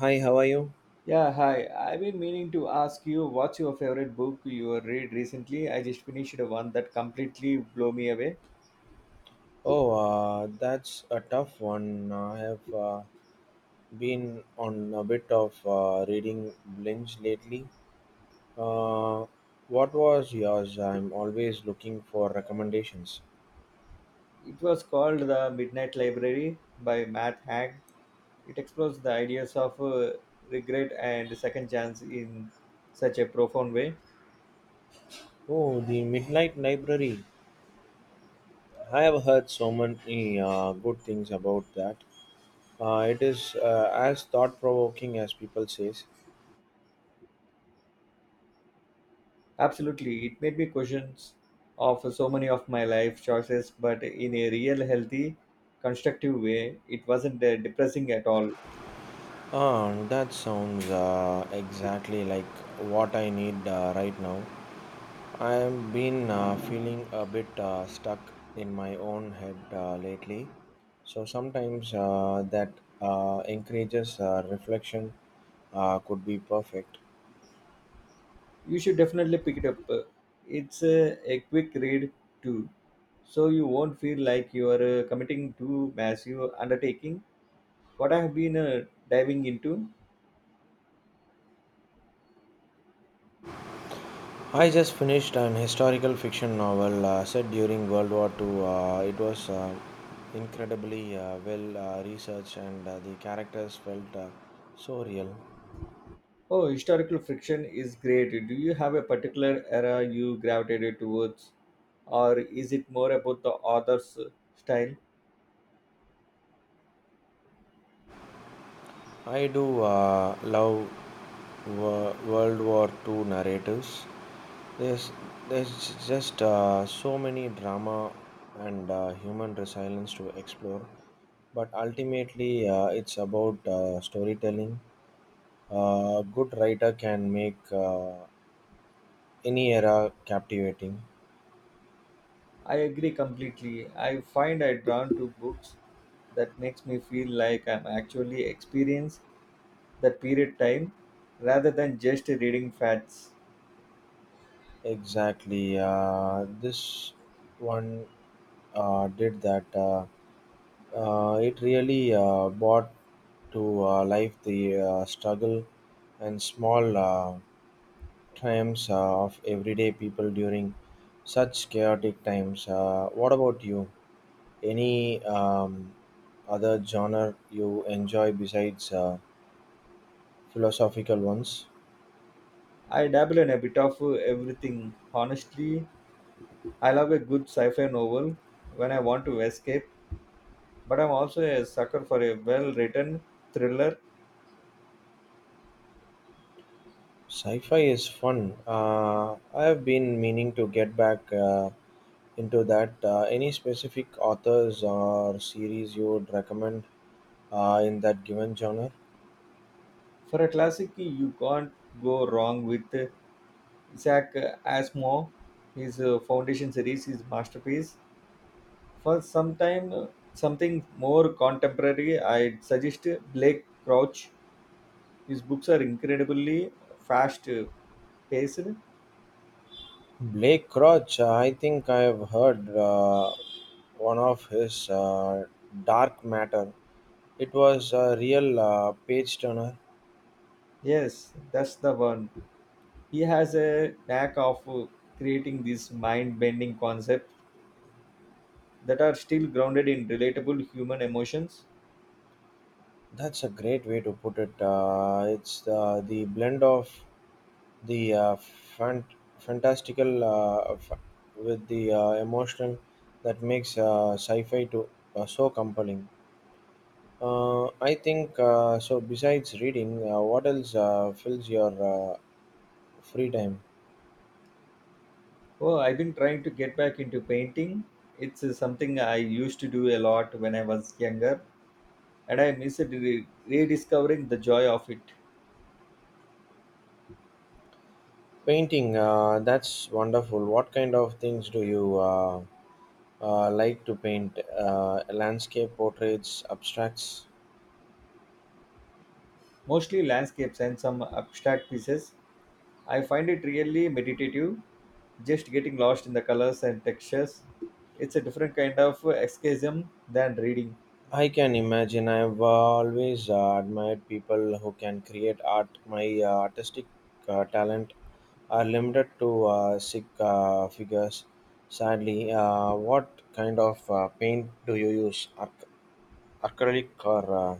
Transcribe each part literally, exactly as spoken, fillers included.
Hi, how are you? Yeah, hi. I've been meaning to ask you, what's your favorite book you read recently? I just finished one that completely blew me away. Oh, uh, that's a tough one. Uh, I have uh, been on a bit of uh, reading binge lately. Uh, what was yours? I'm always looking for recommendations. It was called The Midnight Library by Matt Haig. It explores the ideas of uh, regret and second chance in such a profound way. Oh, the Midnight Library. I have heard so many uh, good things about that. Uh, it is uh, as thought-provoking as people says. Absolutely, it made me questions of so many of my life choices, but in a real, healthy, constructive way. It wasn't uh, depressing at all. Ah, that sounds uh, exactly like what I need uh, right now. I have been uh, feeling a bit uh, stuck in my own head uh, lately. So sometimes uh, that uh, encourages uh, reflection uh, could be perfect. You should definitely pick it up. It's a, a quick read too, so you won't feel like you are uh, committing to massive undertaking. What I have been uh, diving into, I just finished an historical fiction novel uh, set during World War two. Uh, it was uh, incredibly uh, well uh, researched and uh, the characters felt uh, so real. oh, historical fiction is great. Do you have a particular era you gravitated towards, or is it more about the author's style? I do uh, love wo- World War two narratives. There's there's just uh, so many drama and uh, human resilience to explore, but ultimately uh, it's about uh, storytelling. A good writer can make uh, any era captivating. I agree completely. I find I drawn to books that makes me feel like I'm actually experienced that period time rather than just reading facts. Exactly, uh, this one uh, did that. Uh, uh, It really uh, brought to uh, life the uh, struggle and small uh, triumphs uh, of everyday people during such chaotic times. Uh, what about you? Any um, other genre you enjoy besides uh, philosophical ones? I dabble in a bit of uh, everything. Honestly, I love a good sci fi novel when I want to escape, but I'm also a sucker for a well written thriller. Sci-fi is fun. Uh, I have been meaning to get back uh, into that. Uh, any specific authors or series you would recommend uh, in that given genre? For a classic, you can't go wrong with uh, Isaac Asimov. His uh, Foundation series is masterpiece. For some time, uh, something more contemporary, I'd suggest uh, Blake Crouch. His books are incredibly fast, uh, paced? Blake Crouch, uh, I think I have heard uh, one of his uh, Dark Matter. It was a real uh, page turner. Yes, that's the one. He has a knack of uh, creating these mind bending concepts that are still grounded in relatable human emotions. That's a great way to put it. Uh, it's uh, the blend of the uh, fant- fantastical uh, f- with the uh, emotional that makes uh, sci-fi to uh, so compelling. Uh, I think uh, so. Besides reading, uh, what else uh, fills your uh, free time? Oh, I've been trying to get back into painting. It's uh, something I used to do a lot when I was younger, and I miss it, re- rediscovering the joy of it. Painting, uh, that's wonderful. What kind of things do you uh, uh, like to paint? Uh, landscape, portraits, abstracts? Mostly landscapes and some abstract pieces. I find it really meditative, just getting lost in the colors and textures. It's a different kind of escapism than reading. I can imagine. I've always uh, admired people who can create art. My uh, artistic uh, talent are limited to uh, sick uh, figures, sadly. Uh, what kind of uh, paint do you use? Ac- acrylic or uh,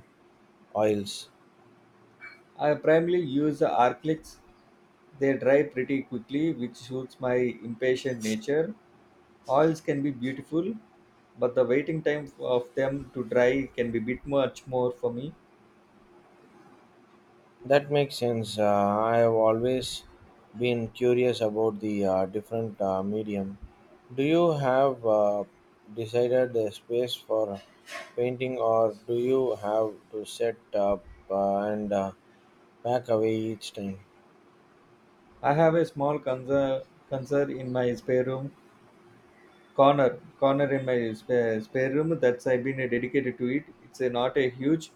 oils? I primarily use Arclix. They dry pretty quickly, which suits my impatient nature. Oils can be beautiful, but the waiting time of them to dry can be bit much more for me. That makes sense. Uh, I have always been curious about the uh, different uh, medium. Do you have uh, decided a space for painting, or do you have to set up uh, and uh, pack away each time? I have a small conser- conser in my spare room corner corner in my spare, spare room that's I've been uh, dedicated to it. It's uh, not a huge,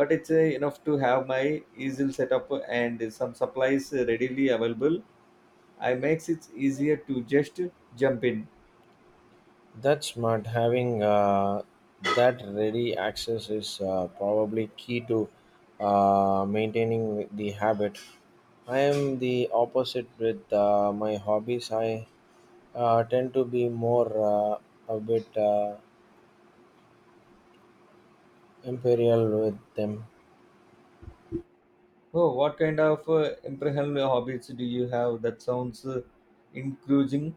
but it's uh, enough to have my easel setup and some supplies readily available. I makes it easier to just jump in. That's smart. Having uh, that ready access is uh, probably key to uh, maintaining the habit. I am the opposite with uh, my hobbies. I uh, tend to be more uh, a bit uh, imperial with them. Oh, what kind of uh, impressive hobbies do you have? That sounds uh, increasing.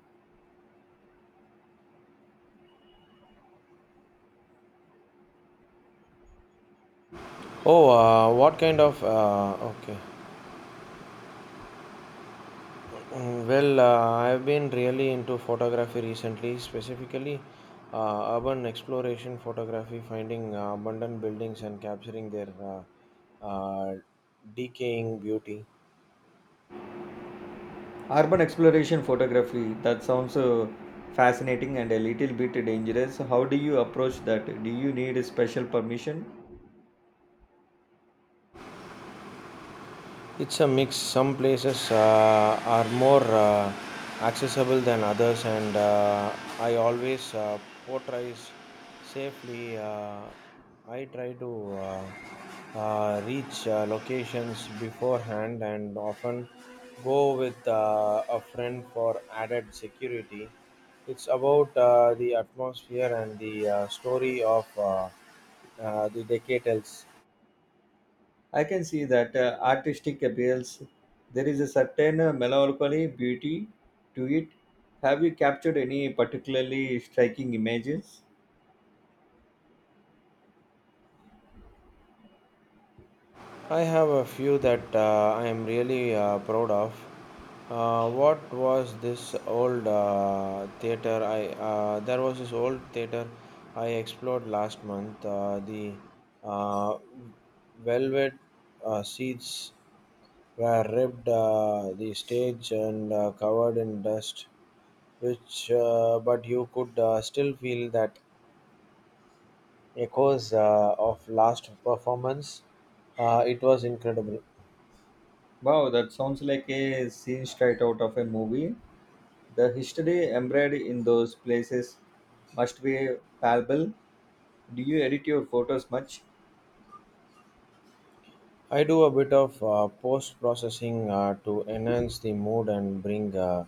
Oh, uh, what kind of uh, okay. Mm, well, uh, I've been really into photography recently, specifically uh, urban exploration photography, finding uh, abandoned buildings and capturing their uh, uh, decaying beauty. Urban exploration photography, that sounds uh, fascinating and a little bit dangerous. How do you approach that? Do you need a special permission? It's a mix. Some places uh, are more uh, accessible than others, and uh, I always uh, portrays safely. Uh, I try to uh, uh, reach uh, locations beforehand and often go with uh, a friend for added security. It's about uh, the atmosphere and the uh, story of uh, uh, the decatals. I can see that uh, artistic appeals. There is a certain uh, melancholy beauty to it. Have you captured any particularly striking images? I have a few that uh, I am really uh, proud of. Uh, what was this old uh, theater? I uh, there was this old theater I explored last month. Uh, the uh, velvet uh, seats were ripped, uh, the stage and uh, covered in dust. Which, uh, but you could uh, still feel that echoes uh, of last performance. Uh, it was incredible. Wow, that sounds like a scene straight out of a movie. The history embedded in those places must be palpable. Do you edit your photos much? I do a bit of uh, post processing uh, to enhance the mood and bring uh,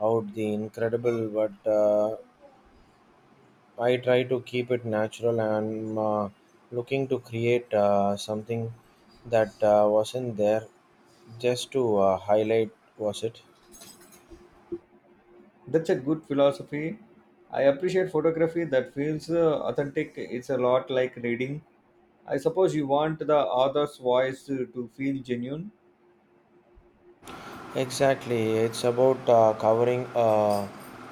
out the incredible, but uh, I try to keep it natural. And I'm uh, looking to create uh, something that uh, wasn't there just to uh, highlight, was it? That's a good philosophy. I appreciate photography that feels uh, authentic. It's a lot like reading. I suppose you want the author's voice to, to feel genuine. Exactly, it's about uh, covering a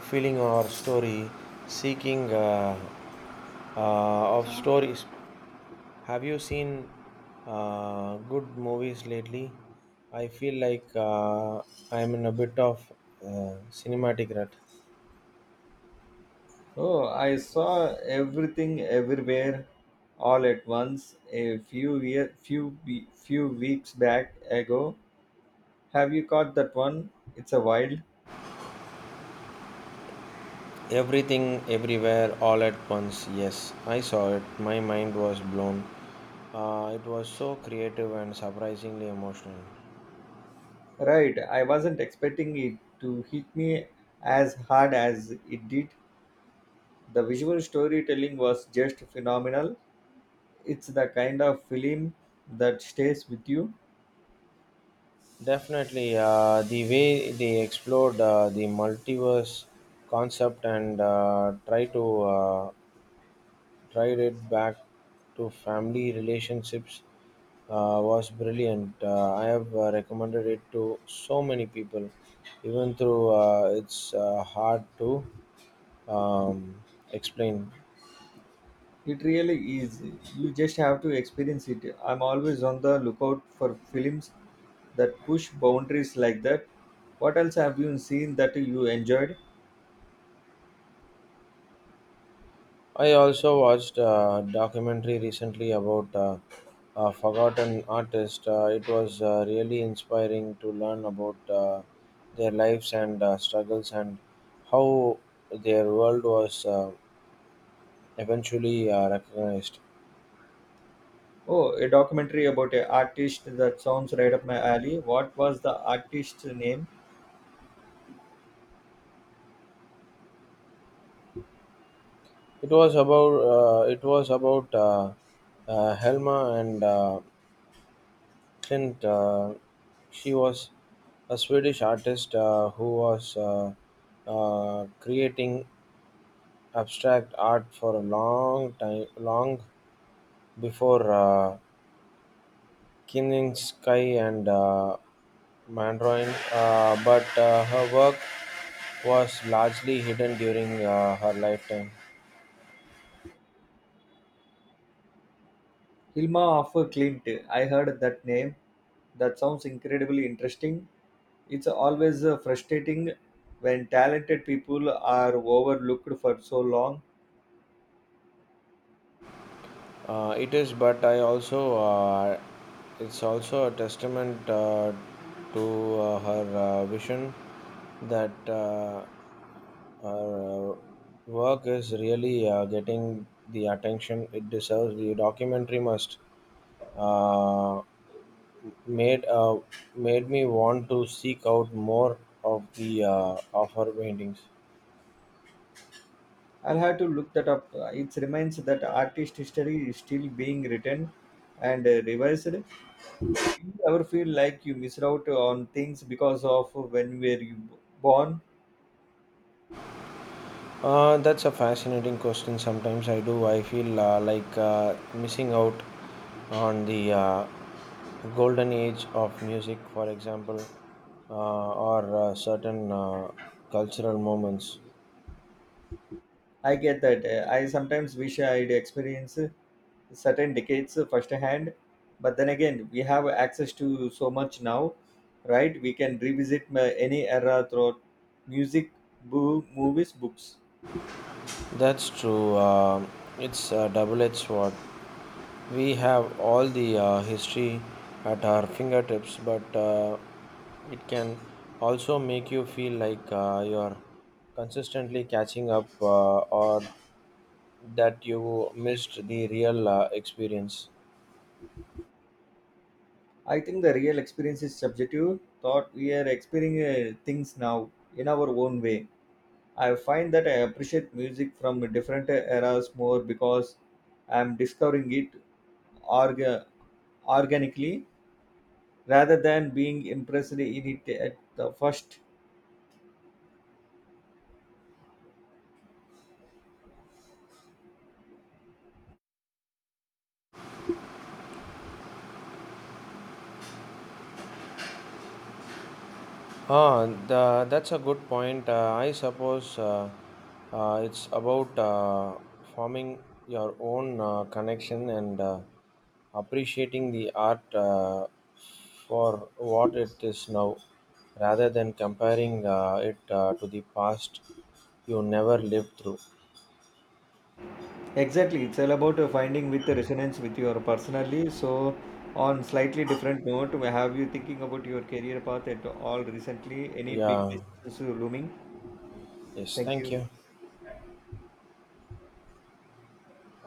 feeling or story, seeking uh, uh, of stories. Have you seen uh, good movies lately? I feel like uh, I'm in a bit of uh, cinematic rut. Oh, I saw Everything Everywhere All at Once a few year, few we- few weeks back ago. Have you caught that one? It's a wild. Everything, everywhere, all at once. Yes, I saw it. My mind was blown. Uh, it was so creative and surprisingly emotional. Right, I wasn't expecting it to hit me as hard as it did. The visual storytelling was just phenomenal. It's the kind of film that stays with you. Definitely, uh, the way they explored uh, the multiverse concept and uh, try to uh, tried it back to family relationships uh, was brilliant. Uh, I have uh, recommended it to so many people, even through uh, it's uh, hard to um, explain. It really is. You just have to experience it. I'm always on the lookout for films that push boundaries like that. What else have you seen that you enjoyed? I also watched a documentary recently about uh, a forgotten artist. Uh, it was uh, really inspiring to learn about uh, their lives and uh, struggles and how their world was. Uh, eventually uh, recognized. Oh, a documentary about an artist, that sounds right up my alley. What was the artist's name? It was about uh, it was about uh, uh, Helma and uh, Clint. Uh, she was a Swedish artist uh, who was uh, uh, creating abstract art for a long time, long before uh, Kininsky and uh, Mandarin. Uh, but uh, her work was largely hidden during uh, her lifetime. Hilma of Klint. I heard that name. That sounds incredibly interesting. It's always uh, frustrating when talented people are overlooked for so long. Uh, it is, but I also uh, it's also a testament uh, to uh, her uh, vision that uh, her uh, work is really uh, getting the attention it deserves. The documentary must uh, made uh, made me want to seek out more of the uh, of her paintings. I'll have to look that up. Uh, It reminds that artist history is still being written and uh, revised. Do you ever feel like you miss out on things because of when were you born? Uh, that's a fascinating question. Sometimes I do. I feel uh, like uh, missing out on the uh, golden age of music, for example, uh, or uh, certain uh, cultural moments. I get that. Uh, I sometimes wish I'd experienced certain decades firsthand, but then again, we have access to so much now, right? We can revisit uh, any era throughout music, boo, movies, books. That's true. Uh, it's a double edged sword. We have all the uh, history at our fingertips, but uh, it can also make you feel like uh, you're consistently catching up uh, or that you missed the real uh, experience. I think the real experience is subjective. Thought we are experiencing uh, things now in our own way. I find that I appreciate music from different eras more because I'm discovering it orga- organically rather than being impressed in it at the first. Ah, the, that's a good point. Uh, I suppose uh, uh, it's about uh, forming your own uh, connection and uh, appreciating the art uh, for what it is now, rather than comparing uh, it uh, to the past you never lived through. Exactly, it's all about uh, finding with the resonance with your personally. So, on slightly different note, have you thinking about your career path at all recently? Any big Yeah. decisions uh, looming? Yes. Thank Thank you. you.